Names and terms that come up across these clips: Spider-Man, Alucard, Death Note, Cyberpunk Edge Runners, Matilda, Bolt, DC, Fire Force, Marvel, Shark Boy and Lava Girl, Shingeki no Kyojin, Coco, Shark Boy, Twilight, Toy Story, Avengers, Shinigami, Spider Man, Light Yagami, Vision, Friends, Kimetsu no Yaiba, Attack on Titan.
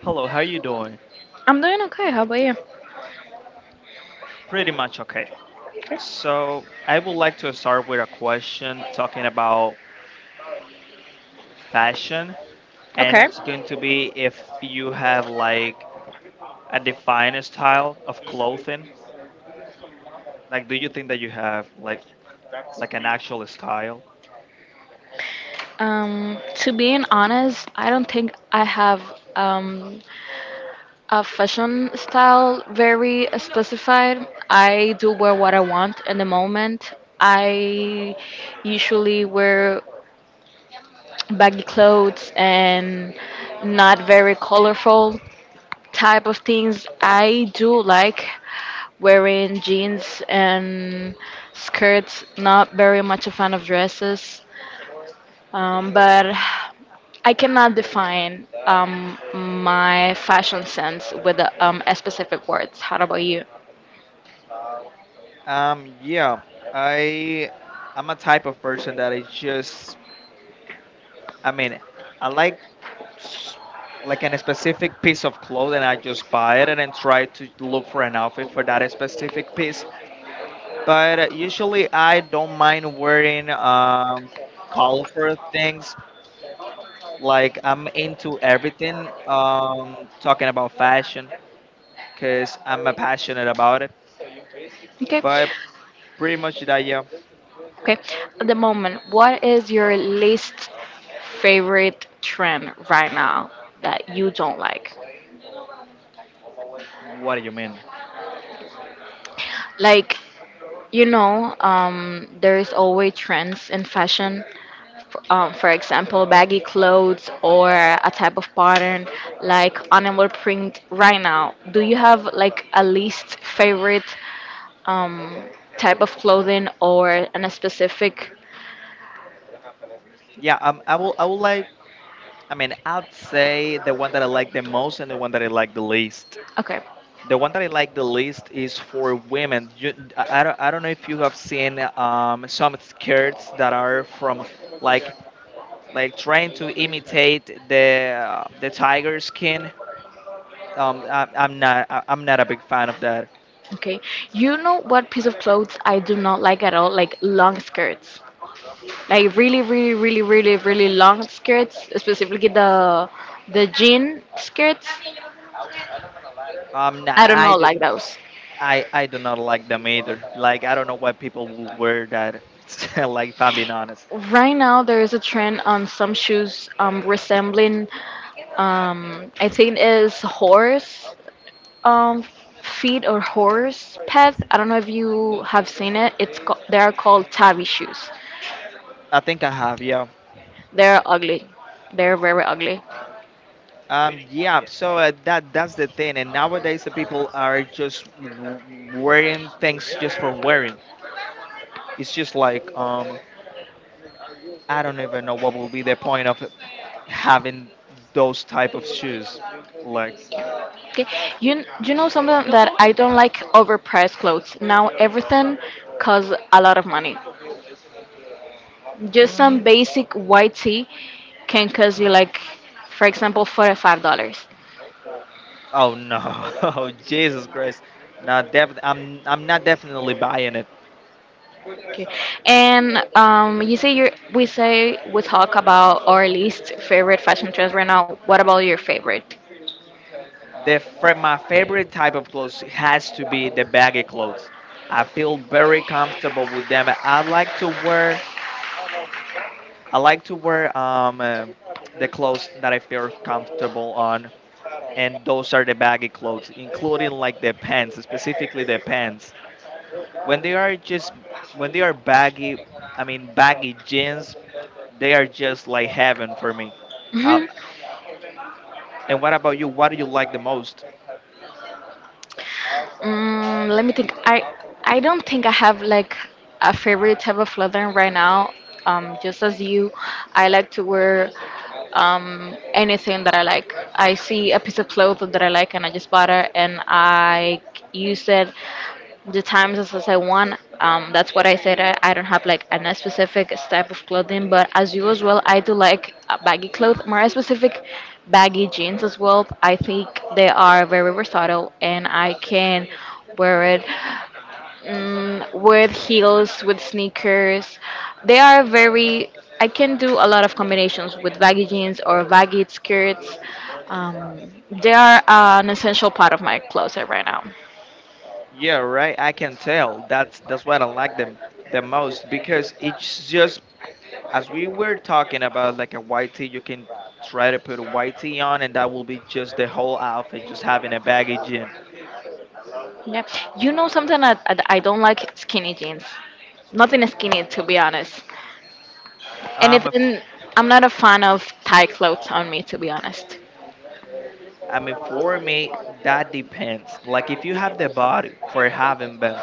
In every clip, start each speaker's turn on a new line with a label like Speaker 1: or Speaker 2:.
Speaker 1: Hello, how you doing?
Speaker 2: I'm doing okay. How about you?
Speaker 1: Pretty much okay. So I would like to start with a question talking about fashion, and
Speaker 2: Okay.
Speaker 1: it's going to be if you have like a defined style of clothing. Like, do you think that you have like an actual style?
Speaker 2: To being honest, I don't think I have um, a fashion style very specified. I do wear what I want in the moment. I usually wear baggy clothes and not very colorful type of things. I do like wearing jeans and skirts. Not very much a fan of dresses. But I cannot define my fashion sense with a specific words. How about you?
Speaker 1: Yeah. I I'm a type of person that I just I mean, I like s- like an specific piece of clothing. I just buy it and then try to look for an outfit for that specific piece, but usually I don't mind wearing colorful things. Like, I'm into everything, talking about fashion, because I'm passionate about it,
Speaker 2: Okay.
Speaker 1: but pretty much that, yeah.
Speaker 2: Okay. At the moment, what is your least favorite trend right now that you don't like?
Speaker 1: What do you mean?
Speaker 2: Like, there is always trends in fashion, for example, baggy clothes or a type of pattern like animal print right now. Do you have like a least favorite um, type of clothing or an specific?
Speaker 1: Yeah I will like I mean I'd say the one that I like the most and the one that I like the least.
Speaker 2: Okay,
Speaker 1: The one that I like the least is for women. You, I don't know if you have seen some skirts that are from like like trying to imitate the tiger skin. I'm not a big fan of that.
Speaker 2: okay. You know what piece of clothes I do not like at all? Like long skirts. Like really, really, really, really, really long skirts, specifically the jean skirts.
Speaker 1: Um, nah,
Speaker 2: I do
Speaker 1: I
Speaker 2: not
Speaker 1: do
Speaker 2: like those.
Speaker 1: I do not like them either. Like, I don't know why people would wear that. Like, if I'm being honest,
Speaker 2: Right now, there is a trend on some shoes resembling, I think, is horse um, feet or horse pads. I don't know if you have seen it. They are called tabby shoes.
Speaker 1: I think I have, yeah.
Speaker 2: They're ugly. They're very ugly.
Speaker 1: That's the thing, and nowadays the people are just wearing things just for wearing. It's just like, I don't even know what will be the point of having those type of shoes. Like,
Speaker 2: Okay, you know something that I don't like overpriced clothes. Now everything costs a lot of money. Just some
Speaker 1: mm,
Speaker 2: basic white tee can cost you, like, for example, $45.
Speaker 1: oh no, oh Jesus Christ, not def- I'm not definitely buying it.
Speaker 2: Okay. And you say you we say we talk about our least favorite fashion trends right now. What about your favorite?
Speaker 1: My favorite type of clothes has to be the baggy clothes. I feel very comfortable with them. I like to wear the clothes that I feel comfortable on, and those are the baggy clothes, including like the pants, specifically the pants. When they are just when they are baggy, I mean baggy jeans, they are just like heaven for me. Uh,
Speaker 2: Hmm.
Speaker 1: and what about you? What do you like the most?
Speaker 2: Let me think. I don't think I have like a favorite type of clothing right now. Just as you, I like to wear anything that I like. I see a piece of cloth that I like, and I just bought it, and I use it the times as I want. That's what I said. I don't have like a specific type of clothing, but as you as well, I do like baggy clothes, more specific baggy jeans as well. I think they are very versatile, and I can wear it, with heels, with sneakers. They are very. I can do a lot of combinations with baggy jeans or baggy skirts. Um, they are an essential part of my closet right now.
Speaker 1: Yeah, right. I can tell. That's what I like them the most, because it's just, as we were talking about, like a white tee, you can try to put a white tee on, and that will be just the whole outfit, just having a baggy jean.
Speaker 2: Yeah, you know something. I don't like skinny jeans. Nothing skinny, to be honest.
Speaker 1: Um, if-
Speaker 2: Anything, I'm not a fan of tight clothes on me, to be honest.
Speaker 1: I mean, for me, that depends. Like, if you have the body for having them,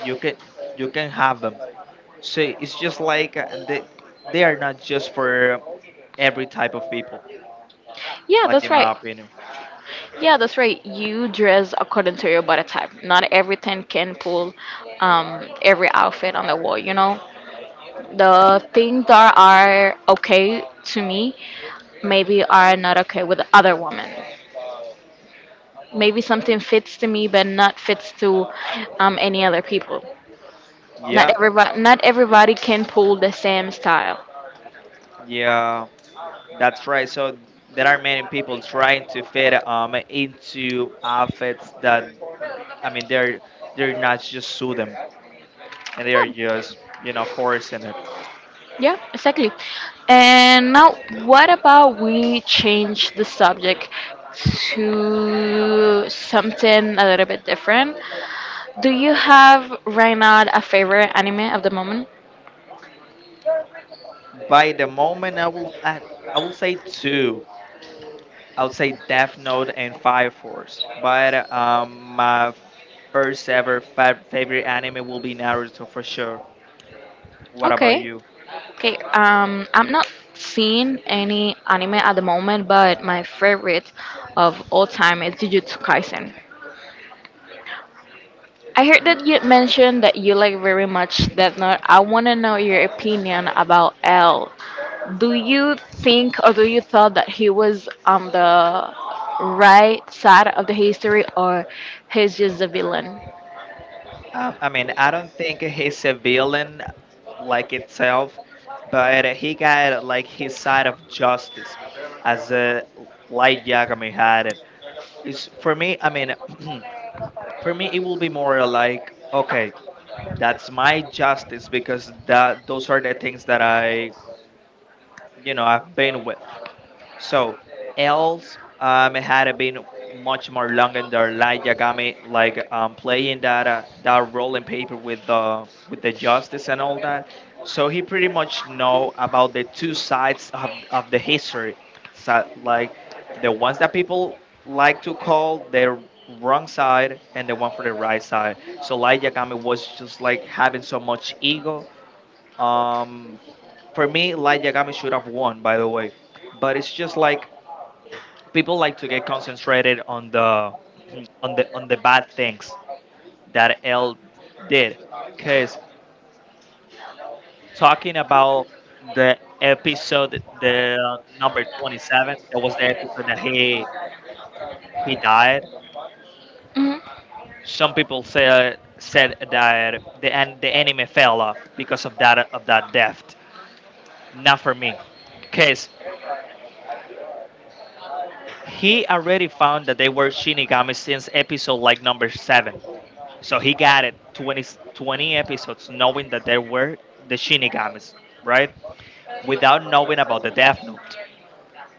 Speaker 1: you can you can have them. So it's just like they are not just for every type of people.
Speaker 2: Yeah,
Speaker 1: Like,
Speaker 2: that's
Speaker 1: in my
Speaker 2: right.
Speaker 1: opinion,
Speaker 2: Yeah, that's right. You dress according to your body type. Not everything can pull every outfit on the wall, you know? The things that are okay to me maybe are not okay with other women. Maybe something fits to me but not fits to any other people. Not
Speaker 1: yeah,
Speaker 2: everybody, not everybody can pull the same style.
Speaker 1: yeah, that's right. So there are many people trying to fit into outfits that I mean, they're they're not just sue them, and they are just,
Speaker 2: Yeah,
Speaker 1: you know, forcing it.
Speaker 2: yeah, exactly. And now, what about we change the subject to something a little bit different? Do you have right now a favorite anime of the moment?
Speaker 1: By the moment, I will say two. I would say Death Note and Fire Force. But my first ever favorite anime will be Naruto for sure. What about
Speaker 2: Okay.
Speaker 1: you?
Speaker 2: Okay, I'm not seeing any anime at the moment, but my favorite of all time is Jujutsu Kaisen. I heard that you mentioned that you like very much Death Note. I want to know your opinion about L. Do you think, or do you thought that he was on the right side of the history, or he's just a villain?
Speaker 1: I mean, I don't think he's a villain like itself, but he got like his side of justice as a Light Yagami had it. It's, for me, I mean, for me, it will be more like, okay, that's my justice because that those are the things that I, you know, I've been with. So, else it had been much more longer than like Yagami, like playing that that rolling paper with the justice and all that. So he pretty much know about the two sides of the history, so, like, the ones that people like to call the wrong side and the one for the right side. So Light Yagami was just like having so much ego. Um, for me, Light Yagami should have won, by the way, but it's just like people like to get concentrated on the on the bad things that L did, cuz talking about the episode, the number 27, that was the episode that he died.
Speaker 2: Hmm.
Speaker 1: Some people said that the anime fell off because of that, of that death. Not for me, cuz he already found that they were Shinigami since episode like number 7. So he got it 20 episodes knowing that there were the Shinigamis, right? Without knowing about the Death Note.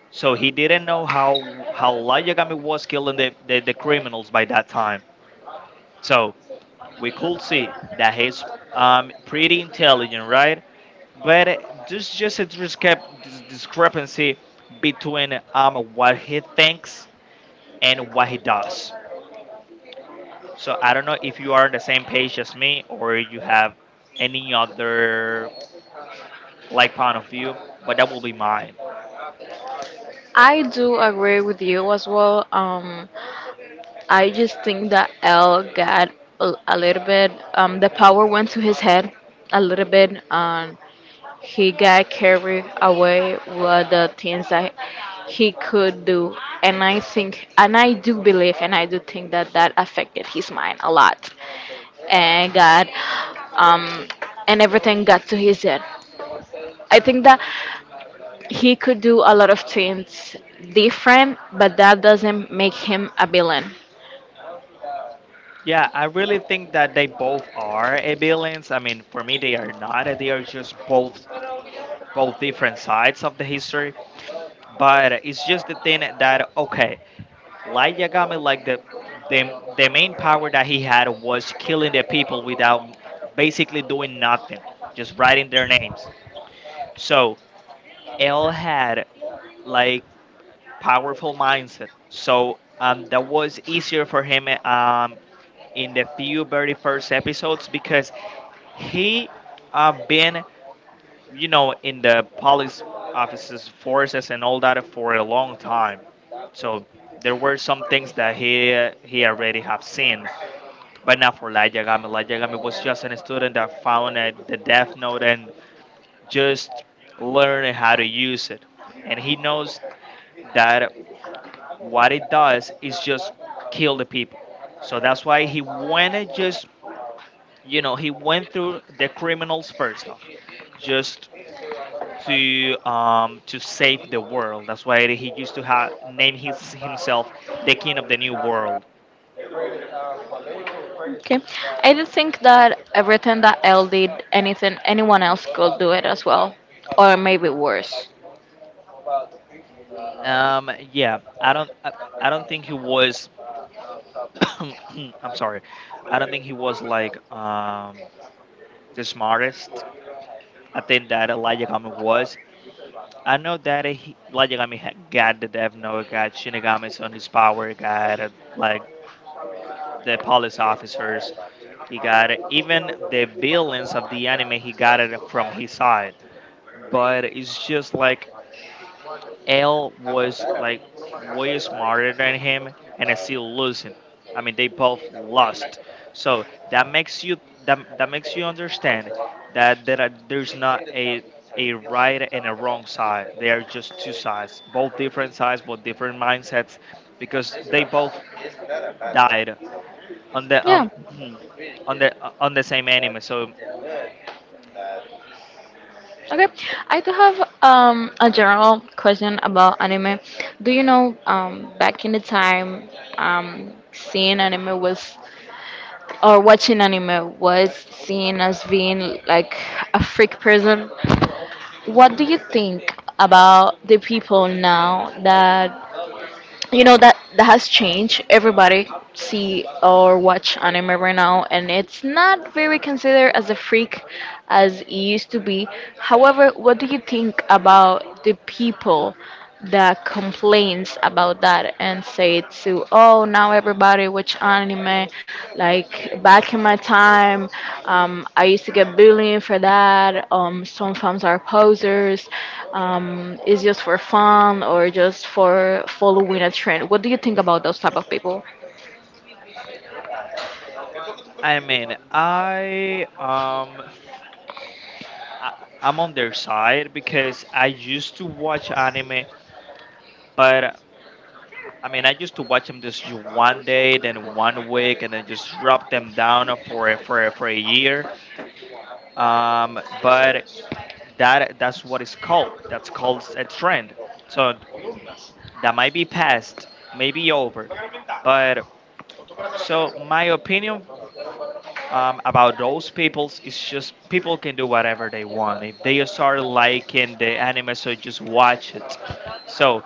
Speaker 1: So he didn't know how Light Yagami was killing the criminals by that time. So we could see that he's pretty intelligent, right? But there's just a discrepancy between what he thinks and what he does. So I don't know if you are on the same page as me or you have any other like point of view, but that will be mine.
Speaker 2: I do agree with you as well. I just think that L got a little bit, the power went to his head a little bit. He got carried away with the things that he could do. And I think, and I do believe, and I do think that that affected his mind a lot. And got, um, and everything got to his head. I think that he could do a lot of things different, but that doesn't make him a villain.
Speaker 1: Yeah, I really think that they both are a villains. I mean, for me, they are not. They are just both different sides of the history. But it's just the thing that, okay, Light Yagami, like the the main power that he had was killing the people without basically doing nothing, just writing their names. So all had like powerful mindset, so that was easier for him in the few very first episodes because he been, you know, in the police offices forces and all that for a long time, so there were some things that he already have seen. But not for Light Yagami. Light Yagami was just a student that found the Death Note and just learn how to use it. And he knows that what it does is just kill the people. So that's why he went and just, you know, he went through the criminals first off, just to save the world. That's why he used to name himself the king of the new world.
Speaker 2: Okay. I do think that everything that Elle did, anything anyone else could do it as well, or maybe worse.
Speaker 1: Um, yeah, I don't, I, I don't think he was. I'm sorry, I don't think he was like the smartest. I think that Light Yagami was. I know that Light Yagami got the Death Note, got Shinigami's on his power, got like the police officers. He got it, even the villains of the anime. He got it from his side, but it's just like L was like way smarter than him and is still losing. I mean, they both lost. So that makes that makes you understand that there's not a right and a wrong side. They are just two sides, both different mindsets, because they both died on the
Speaker 2: Yeah.
Speaker 1: on the same anime. So
Speaker 2: Okay, I do have a general question about anime. Do you know, back in the time, seeing anime was or watching anime was seen as being like a freak person? What do you think about the people now that you know that that has changed? Everybody see or watch anime right now, and it's not very considered as a freak as it used to be. However, what do you think about the people that complains about that and says to, oh, now everybody watch anime? Like, back in my time, I used to get bullying for that. Some fans are posers. It's just for fun or just for following a trend. What do you think about those type of people?
Speaker 1: I mean, I, I'm on their side because I used to watch anime, but I mean, I used to watch them just one day, then one week, and then just drop them down for for a year. But that that's what it's called. That's called a trend. So that might be past, maybe over. But so my opinion about those peoples is just people can do whatever they want. If they start liking the anime, so just watch it. So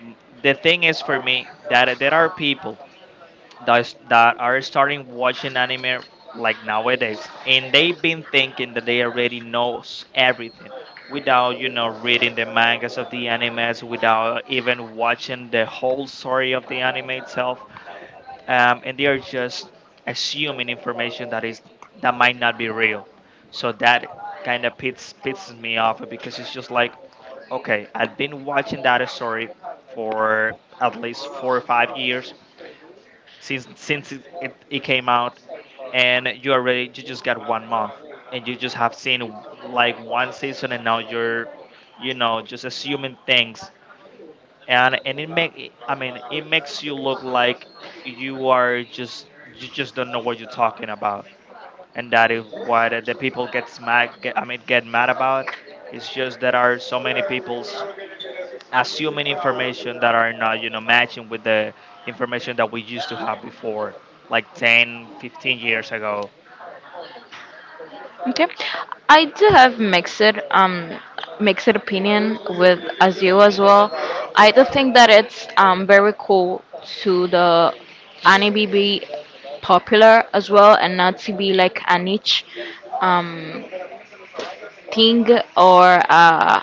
Speaker 1: m- the thing is for me that there are people that are starting watching anime like nowadays and they've been thinking that they already knows everything without, you know, reading the mangas of the animes, without even watching the whole story of the anime itself, and they are just assuming information that is that might not be real. So that kind of pits pisses me off because it's just like, okay, I've been watching that story for at least 4 or 5 years since it, it came out, and you already you just got one month and you just have seen like one season and now you're, you know, just assuming things, and it make, I mean, it makes you look like you are just you just don't know what you're talking about, and that is why the people gets mad. I mean, get mad about. It's just there are so many people's assuming information that are not, you know, matching with the information that we used to have before, like 10, 15 years ago.
Speaker 2: Okay, I do have mixed um mixed opinion with Azul as well. I do think that it's very cool to the anime be popular as well and not to be like a niche. um, thing or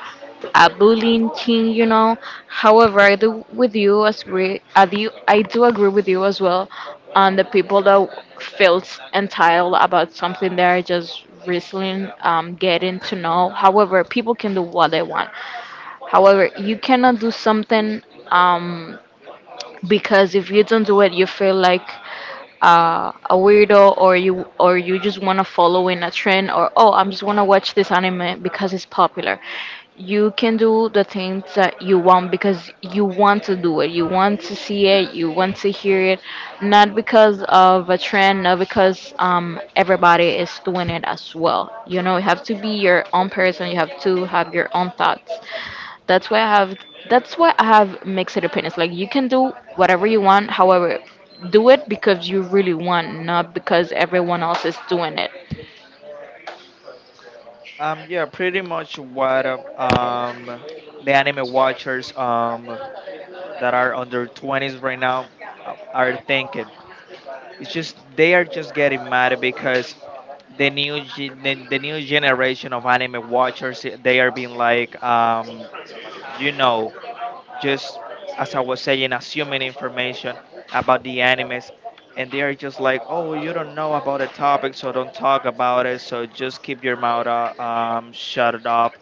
Speaker 2: a bullying thing. However, I do with you as agree. I do agree with you as well on the people that feels entitled about something they're just recently getting to know. However, people can do what they want. However, you cannot do something um, because if you don't do it, you feel like a weirdo, or you just want to follow in a trend, or, oh, I'm just want to watch this anime because it's popular. You can do the things that you want because you want to do it, you want to see it, you want to hear it, not because of a trend, not because everybody is doing it as well. You know, you have to be your own person, you have to have your own thoughts. That's why I have that's why I have mixed opinions. Like, you can do whatever you want, however, do it because you really want, not because everyone else is doing it.
Speaker 1: Yeah, pretty much what the anime watchers that are under 20s right now, are thinking. It's just they are just getting mad because the new generation of anime watchers, they are being like, you know just, as I was saying, assuming information about the animes. And they are just like, oh, you don't know about a topic, so don't talk about it, so just keep your mouth shut it up.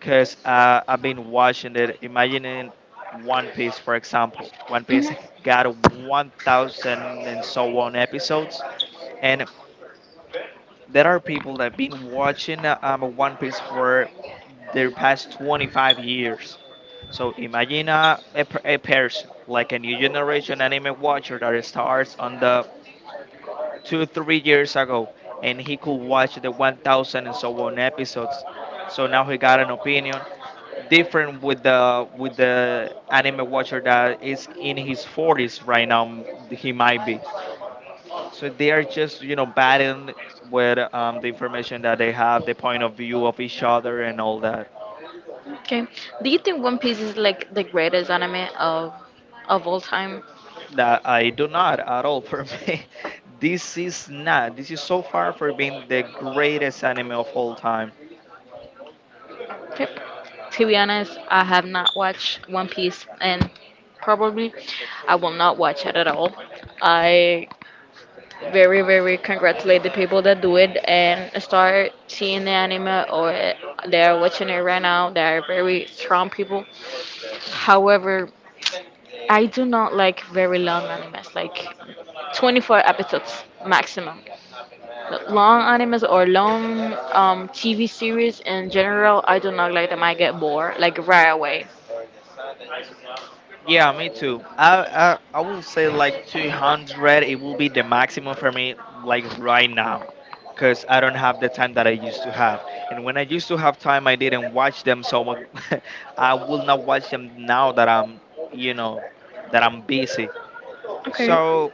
Speaker 1: Because I've been watching it, imagining One Piece, for example. One Piece
Speaker 2: Mhm.
Speaker 1: got 1,000 and so on episodes. And there are people that have been watching One Piece for their past 25 years. So imagine a person, like a new generation anime watcher that starts on the 2 3 years ago, and he could watch the 1,000 and so on episodes. So now he got an opinion different with the anime watcher that is in his 40s right now. He might be... So they are just, batting with the information that they have, the point of view of each other, and all that.
Speaker 2: Okay. Do you think One Piece is like the greatest anime of all time?
Speaker 1: That I do not, at all. For me, this is not. This is so far for being the greatest anime of all time.
Speaker 2: Yep. To be honest, I have not watched One Piece, and probably I will not watch it at all. I very very congratulate the people that do it and start seeing the anime, or they are watching it right now. They are very strong people. However, I do not like very long animes like 24 episodes maximum, long animes or long tv series in general. I do not like them. I get bored like right away.
Speaker 1: Yeah, me too. I will say like 200. It will be the maximum for me, like right now, cause I don't have the time that I used to have. And when I used to have time, I didn't watch them. So I will not watch them now that I'm, you know that I'm busy.
Speaker 2: Okay.
Speaker 1: So,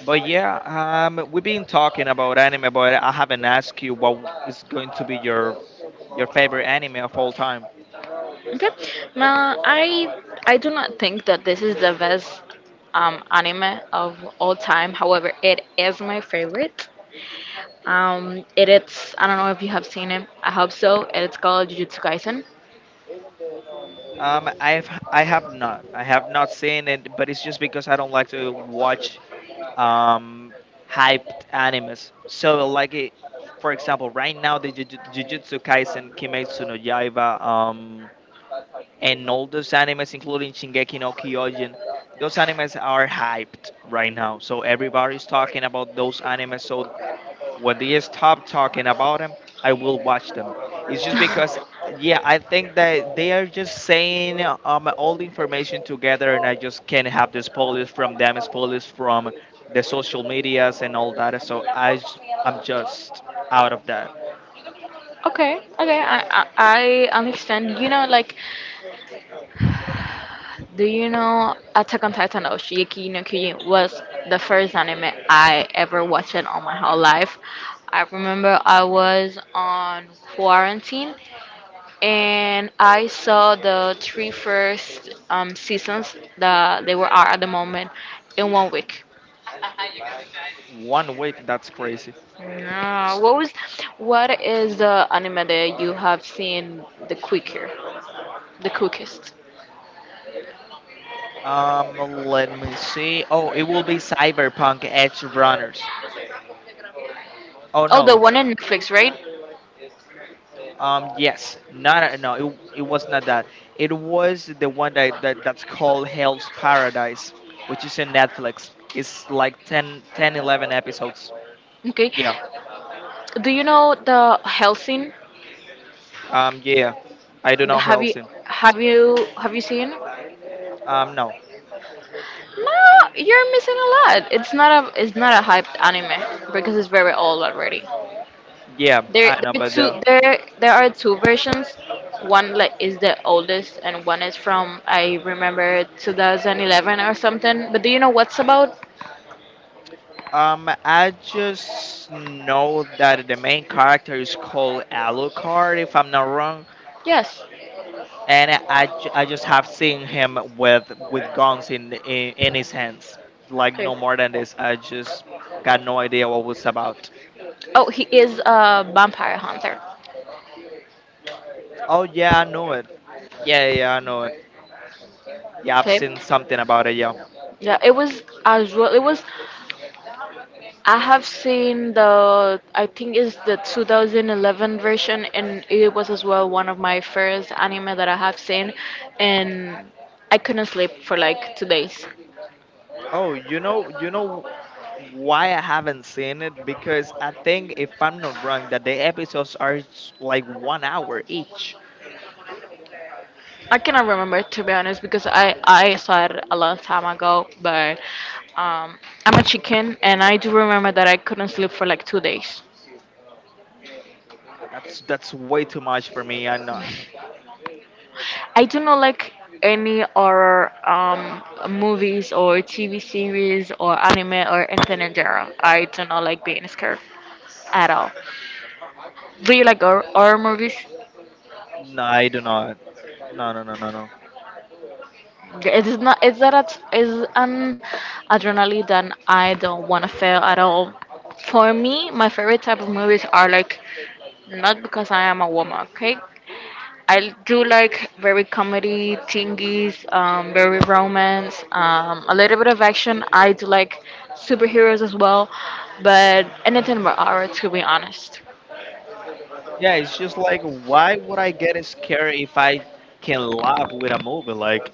Speaker 1: but yeah, we've been talking about anime, but I haven't asked you what is going to be your favorite anime of all time.
Speaker 2: Okay. Ma, I do not think that this is the best anime of all time. However, it is my favorite. It is, I don't know if you have seen it. I hope so. It's called Jujutsu Kaisen.
Speaker 1: I have not. I have not seen it, but it's just because I don't like to watch um hyped animes. So like it, for example, right now, the Jujutsu Kaisen, Kimetsu no Yaiba, and all those animes, including Shingeki no Kyojin, those animes are hyped right now. So everybody's talking about those animes. So when they stop talking about them, I will watch them. It's just because,
Speaker 2: Okay,
Speaker 1: yeah, I think that they are just saying all the information together, and I just can't have the spoilers from them, spoilers from the social medias and all that. So I'm just out of that.
Speaker 2: okay, I understand. You know, like, do you know Attack on Titan or Shingeki no Kyojin was the first anime I ever watched in all my whole life. I remember I was on quarantine, and I saw the three first seasons that they were out at the moment in one week.
Speaker 1: One week, that's crazy.
Speaker 2: Yeah. What was, what is the anime that you have seen the quicker, the quickest?
Speaker 1: Let me see. Oh, it will be Cyberpunk Edge Runners. Oh
Speaker 2: Oh, the
Speaker 1: no.
Speaker 2: one in Netflix, right?
Speaker 1: Yes, not no, it was not that. It was the one that's called Hell's Paradise, which is in Netflix. It's like 11 episodes.
Speaker 2: Okay.
Speaker 1: Yeah.
Speaker 2: Do you know the Helsing?
Speaker 1: Yeah. I do not
Speaker 2: Have you
Speaker 1: Hellsing.
Speaker 2: have you seen?
Speaker 1: No.
Speaker 2: No, you're missing a lot. It's not a hyped anime because it's very old already.
Speaker 1: Yeah,
Speaker 2: There,
Speaker 1: I know,
Speaker 2: there are
Speaker 1: but the...
Speaker 2: two. There are two versions. One like is the oldest, and one is from, I remember, 2011 or something. But do you know what's about?
Speaker 1: I just know that the main character is called Alucard, if I'm not wrong.
Speaker 2: Yes.
Speaker 1: And I just have seen him with guns in his hands, like
Speaker 2: Okay.
Speaker 1: no more than this. I just got no idea what was about.
Speaker 2: Oh, he is a vampire hunter.
Speaker 1: Oh yeah, I know it. Yeah, yeah, yeah, I know it. Yeah, I've
Speaker 2: Okay.
Speaker 1: seen something about it. Yeah.
Speaker 2: Yeah, it was as well. It was. I have seen the. I think it's the 2011 version, and it was as well one of my first anime that I have seen, and I couldn't sleep for like 2 days.
Speaker 1: Oh, you know why I haven't seen it, because I think, if I'm not wrong, that the episodes are like one hour each.
Speaker 2: I cannot remember, to be honest, because I saw it a long time ago, but um, I'm a chicken, and I do remember that I couldn't sleep for like 2 days.
Speaker 1: Yeah, that's way too much for me. I... no,
Speaker 2: I do not like any, or movies or TV series or anime or anything in general. I do not like being scared at all. Do you like horror movies?
Speaker 1: no, I do not. No, no, no, no, no.
Speaker 2: It is not. It's that it's an adrenaline that I don't want to feel at all. For me, my favorite type of movies are like, not because I am a woman, okay? I do like very comedy thingies, very romance, a little bit of action. I do like superheroes as well, but anything but horror, to be honest.
Speaker 1: Yeah, it's just like, why would I get scared if I can laugh with a movie? Like,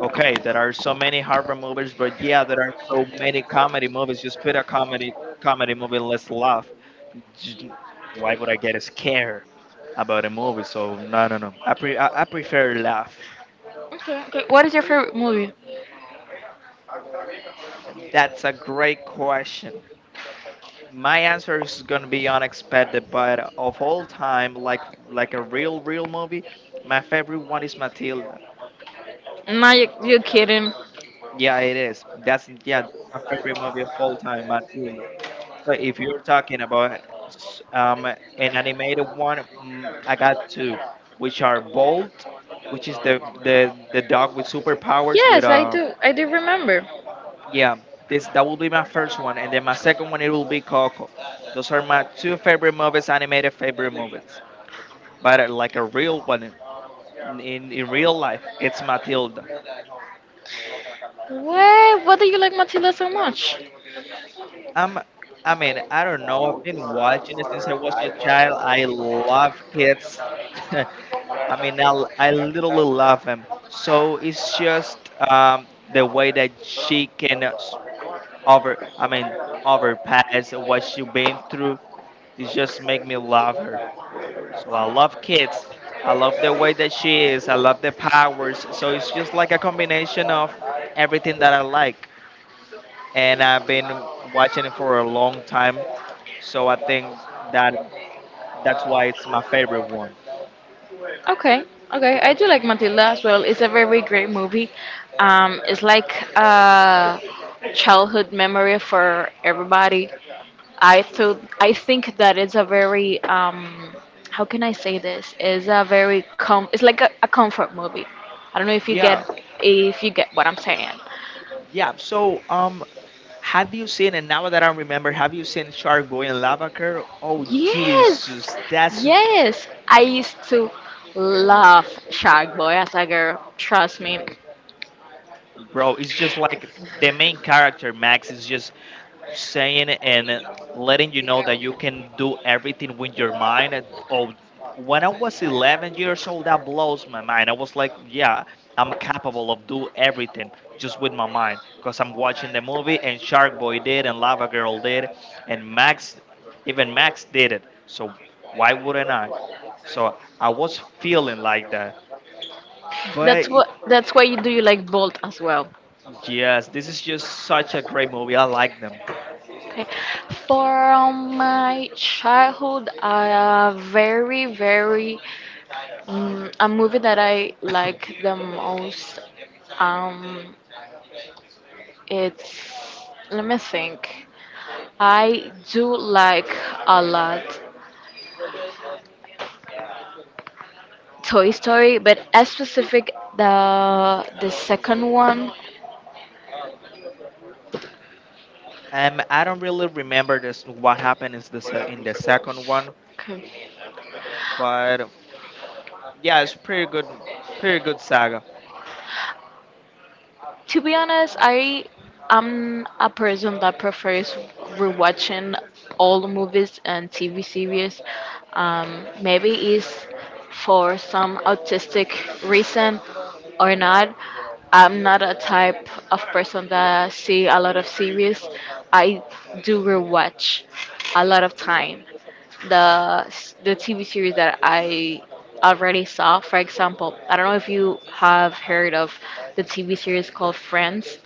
Speaker 1: okay, there are so many horror movies, but yeah, there are so many comedy movies. Just put a comedy movie, let's laugh. J- Why would I get scared about a movie? So no, no, no. I prefer laugh.
Speaker 2: Okay, okay. What is your favorite movie?
Speaker 1: That's a great question. My answer is gonna be unexpected, but of all time, like a real real movie, my favorite one is Matilda.
Speaker 2: No, you're kidding.
Speaker 1: Yeah, it is. That's... yeah, my favorite movie of all time, Matilda. So if you're talking about an animated one, I got two, which are Bolt, which is the dog with superpowers with...
Speaker 2: Yes, I do. I do remember.
Speaker 1: yeah, this, that will be my first one, and then my second one, it will be Coco. Those are my two favorite movies, animated favorite movies. But like a real one in real life, it's Matilda.
Speaker 2: Why? Why do you like Matilda so much?
Speaker 1: Um, I mean, I don't know. I've been watching it since I was a child. I love kids. I mean, I literally love them. So it's just the way that she can over, I mean, overpass what she been through. It just make me love her. So I love kids. I love the way that she is. I love the powers. So it's just like a combination of everything that I like. And I've been watching it for a long time. So I think that that's why it's my favorite one.
Speaker 2: Okay, okay, I do like Matilda as well. It's a very great movie. It's like a childhood memory for everybody. I think that it's a very, how can I say this? It's a very com. It's like a comfort movie. I don't know if you get
Speaker 1: Yeah,
Speaker 2: what I'm saying.
Speaker 1: yeah. So have you seen? And now that I remember, have you seen Shark Boy and Lava Girl? Oh
Speaker 2: Yes,
Speaker 1: Jesus, that's...
Speaker 2: yes. I used to
Speaker 1: oh my.
Speaker 2: love Shark Boy as a girl. Trust me.
Speaker 1: Bro, it's just like the main character, Max, is just saying and letting you know that you can do everything with your mind. Oh, when I was 11 years old, that blows my mind. I was like, yeah, I'm capable of do everything just with my mind, because I'm watching the movie and Shark Boy did and Lava Girl did and Max, even Max did it, so why wouldn't I? So I was feeling like that, but...
Speaker 2: That's what. That's why you like Bolt as well.
Speaker 1: Yes, this is just such a great movie. I like them.
Speaker 2: Okay. From my childhood, a very, very a movie that I like the most. Um, it's Let me think. I do like a lot Toy Story, but as specific the second one.
Speaker 1: I don't really remember this, what happened is this, in the second one,
Speaker 2: Okay.
Speaker 1: but yeah, it's pretty good, pretty good saga.
Speaker 2: To be honest, I am a person that prefers rewatching old movies and TV series. Maybe it's for some autistic reason or not. I'm not a type of person that see a lot of series. I do rewatch a lot of time the TV series that I already saw. For example, I don't know if you have heard of the TV series called Friends.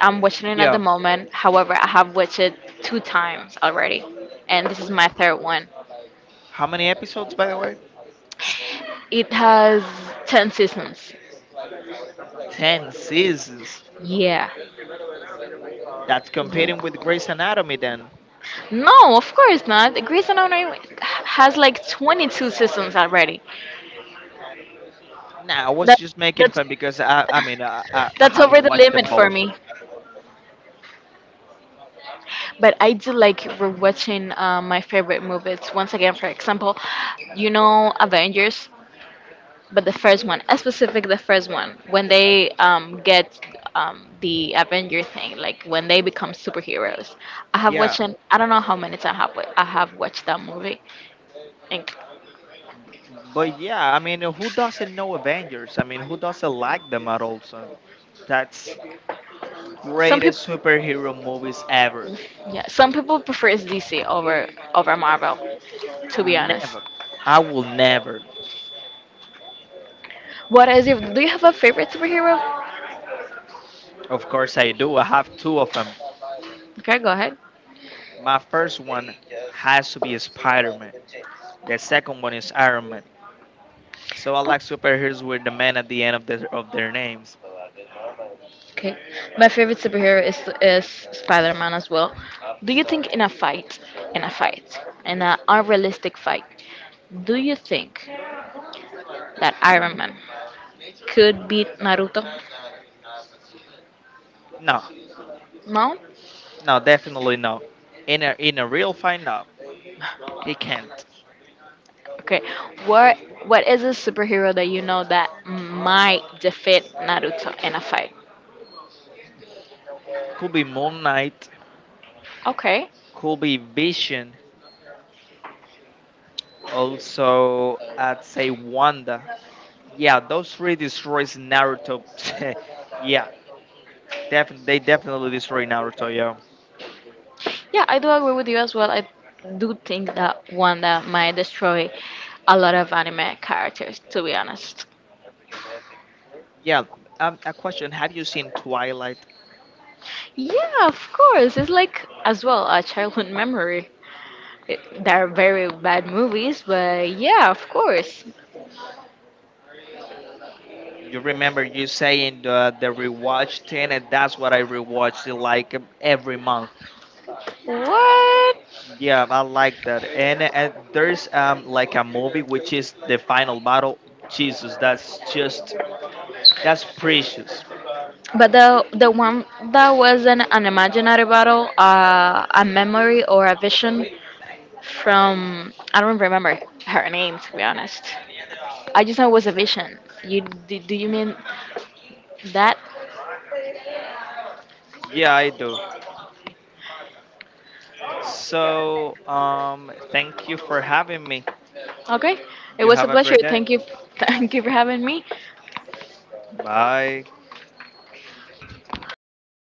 Speaker 2: I'm watching it at the
Speaker 1: Yeah,
Speaker 2: moment. However, I have watched it two times already, and this is my third one.
Speaker 1: how many episodes, by the way?
Speaker 2: It has 10 seasons.
Speaker 1: Ten seasons.
Speaker 2: Yeah.
Speaker 1: That's competing
Speaker 2: Yeah.
Speaker 1: with Grey's Anatomy then.
Speaker 2: No, of course not. Grey's Anatomy has like 22 seasons already.
Speaker 1: Nah, I was
Speaker 2: That
Speaker 1: just making
Speaker 2: that's
Speaker 1: fun because I mean, I
Speaker 2: that's over
Speaker 1: haven't
Speaker 2: the
Speaker 1: watched them
Speaker 2: limit for
Speaker 1: both.
Speaker 2: me. But I do like rewatching my favorite movies once again. For example, you know Avengers, but the first one, specific the first one, when they get the Avenger thing, like when they become superheroes. I have
Speaker 1: Yeah,
Speaker 2: watched I don't know how many times I have watched that movie. And
Speaker 1: but yeah, I mean, who doesn't know Avengers? I mean, who doesn't like them at all? So that's
Speaker 2: some people,
Speaker 1: greatest superhero movies ever.
Speaker 2: yeah, some people prefers DC over Marvel. To be honest,
Speaker 1: Never. I will never.
Speaker 2: what is your? Do you have a favorite superhero?
Speaker 1: Of course, I do. I have two of them.
Speaker 2: Okay, go ahead.
Speaker 1: My first one has to be Spider Man. The second one is Iron Man. So I like superheroes with the man at the end of their names.
Speaker 2: Okay. My favorite superhero is Spider-Man as well. Do you think in a fight, in a fight, in an unrealistic fight, do you think that Iron Man could beat Naruto?
Speaker 1: No,
Speaker 2: No?
Speaker 1: no, definitely no. In a real fight, no, he can't.
Speaker 2: Okay. What what is a superhero that you know that might defeat Naruto in a fight?
Speaker 1: Could be Moon Knight.
Speaker 2: Okay.
Speaker 1: Could be Vision. Also, I'd say Wanda. Yeah, those three destroys Naruto. Yeah, definitely, they definitely destroy Naruto, yeah.
Speaker 2: Yeah, I do agree with you as well. I do think that Wanda might destroy a lot of anime characters, to be honest.
Speaker 1: Yeah. A question: have you seen Twilight?
Speaker 2: Yeah, of course. It's like as well a childhood memory. There are very bad movies, but yeah, of course.
Speaker 1: You remember you saying the rewatch thing, and that's what I rewatched, like, every month.
Speaker 2: What?
Speaker 1: Yeah, I like that. And there's like a movie which is the final battle. Jesus, that's precious.
Speaker 2: But the one that was an imaginary battle, a memory or a vision from, I don't remember her name, to be honest. I just know it was a vision. You do you mean that?
Speaker 1: Yeah, I do. So thank you for having me.
Speaker 2: Okay. It
Speaker 1: You
Speaker 2: was a
Speaker 1: have a
Speaker 2: pleasure.
Speaker 1: great day.
Speaker 2: Thank you, thank you for having me.
Speaker 1: Bye.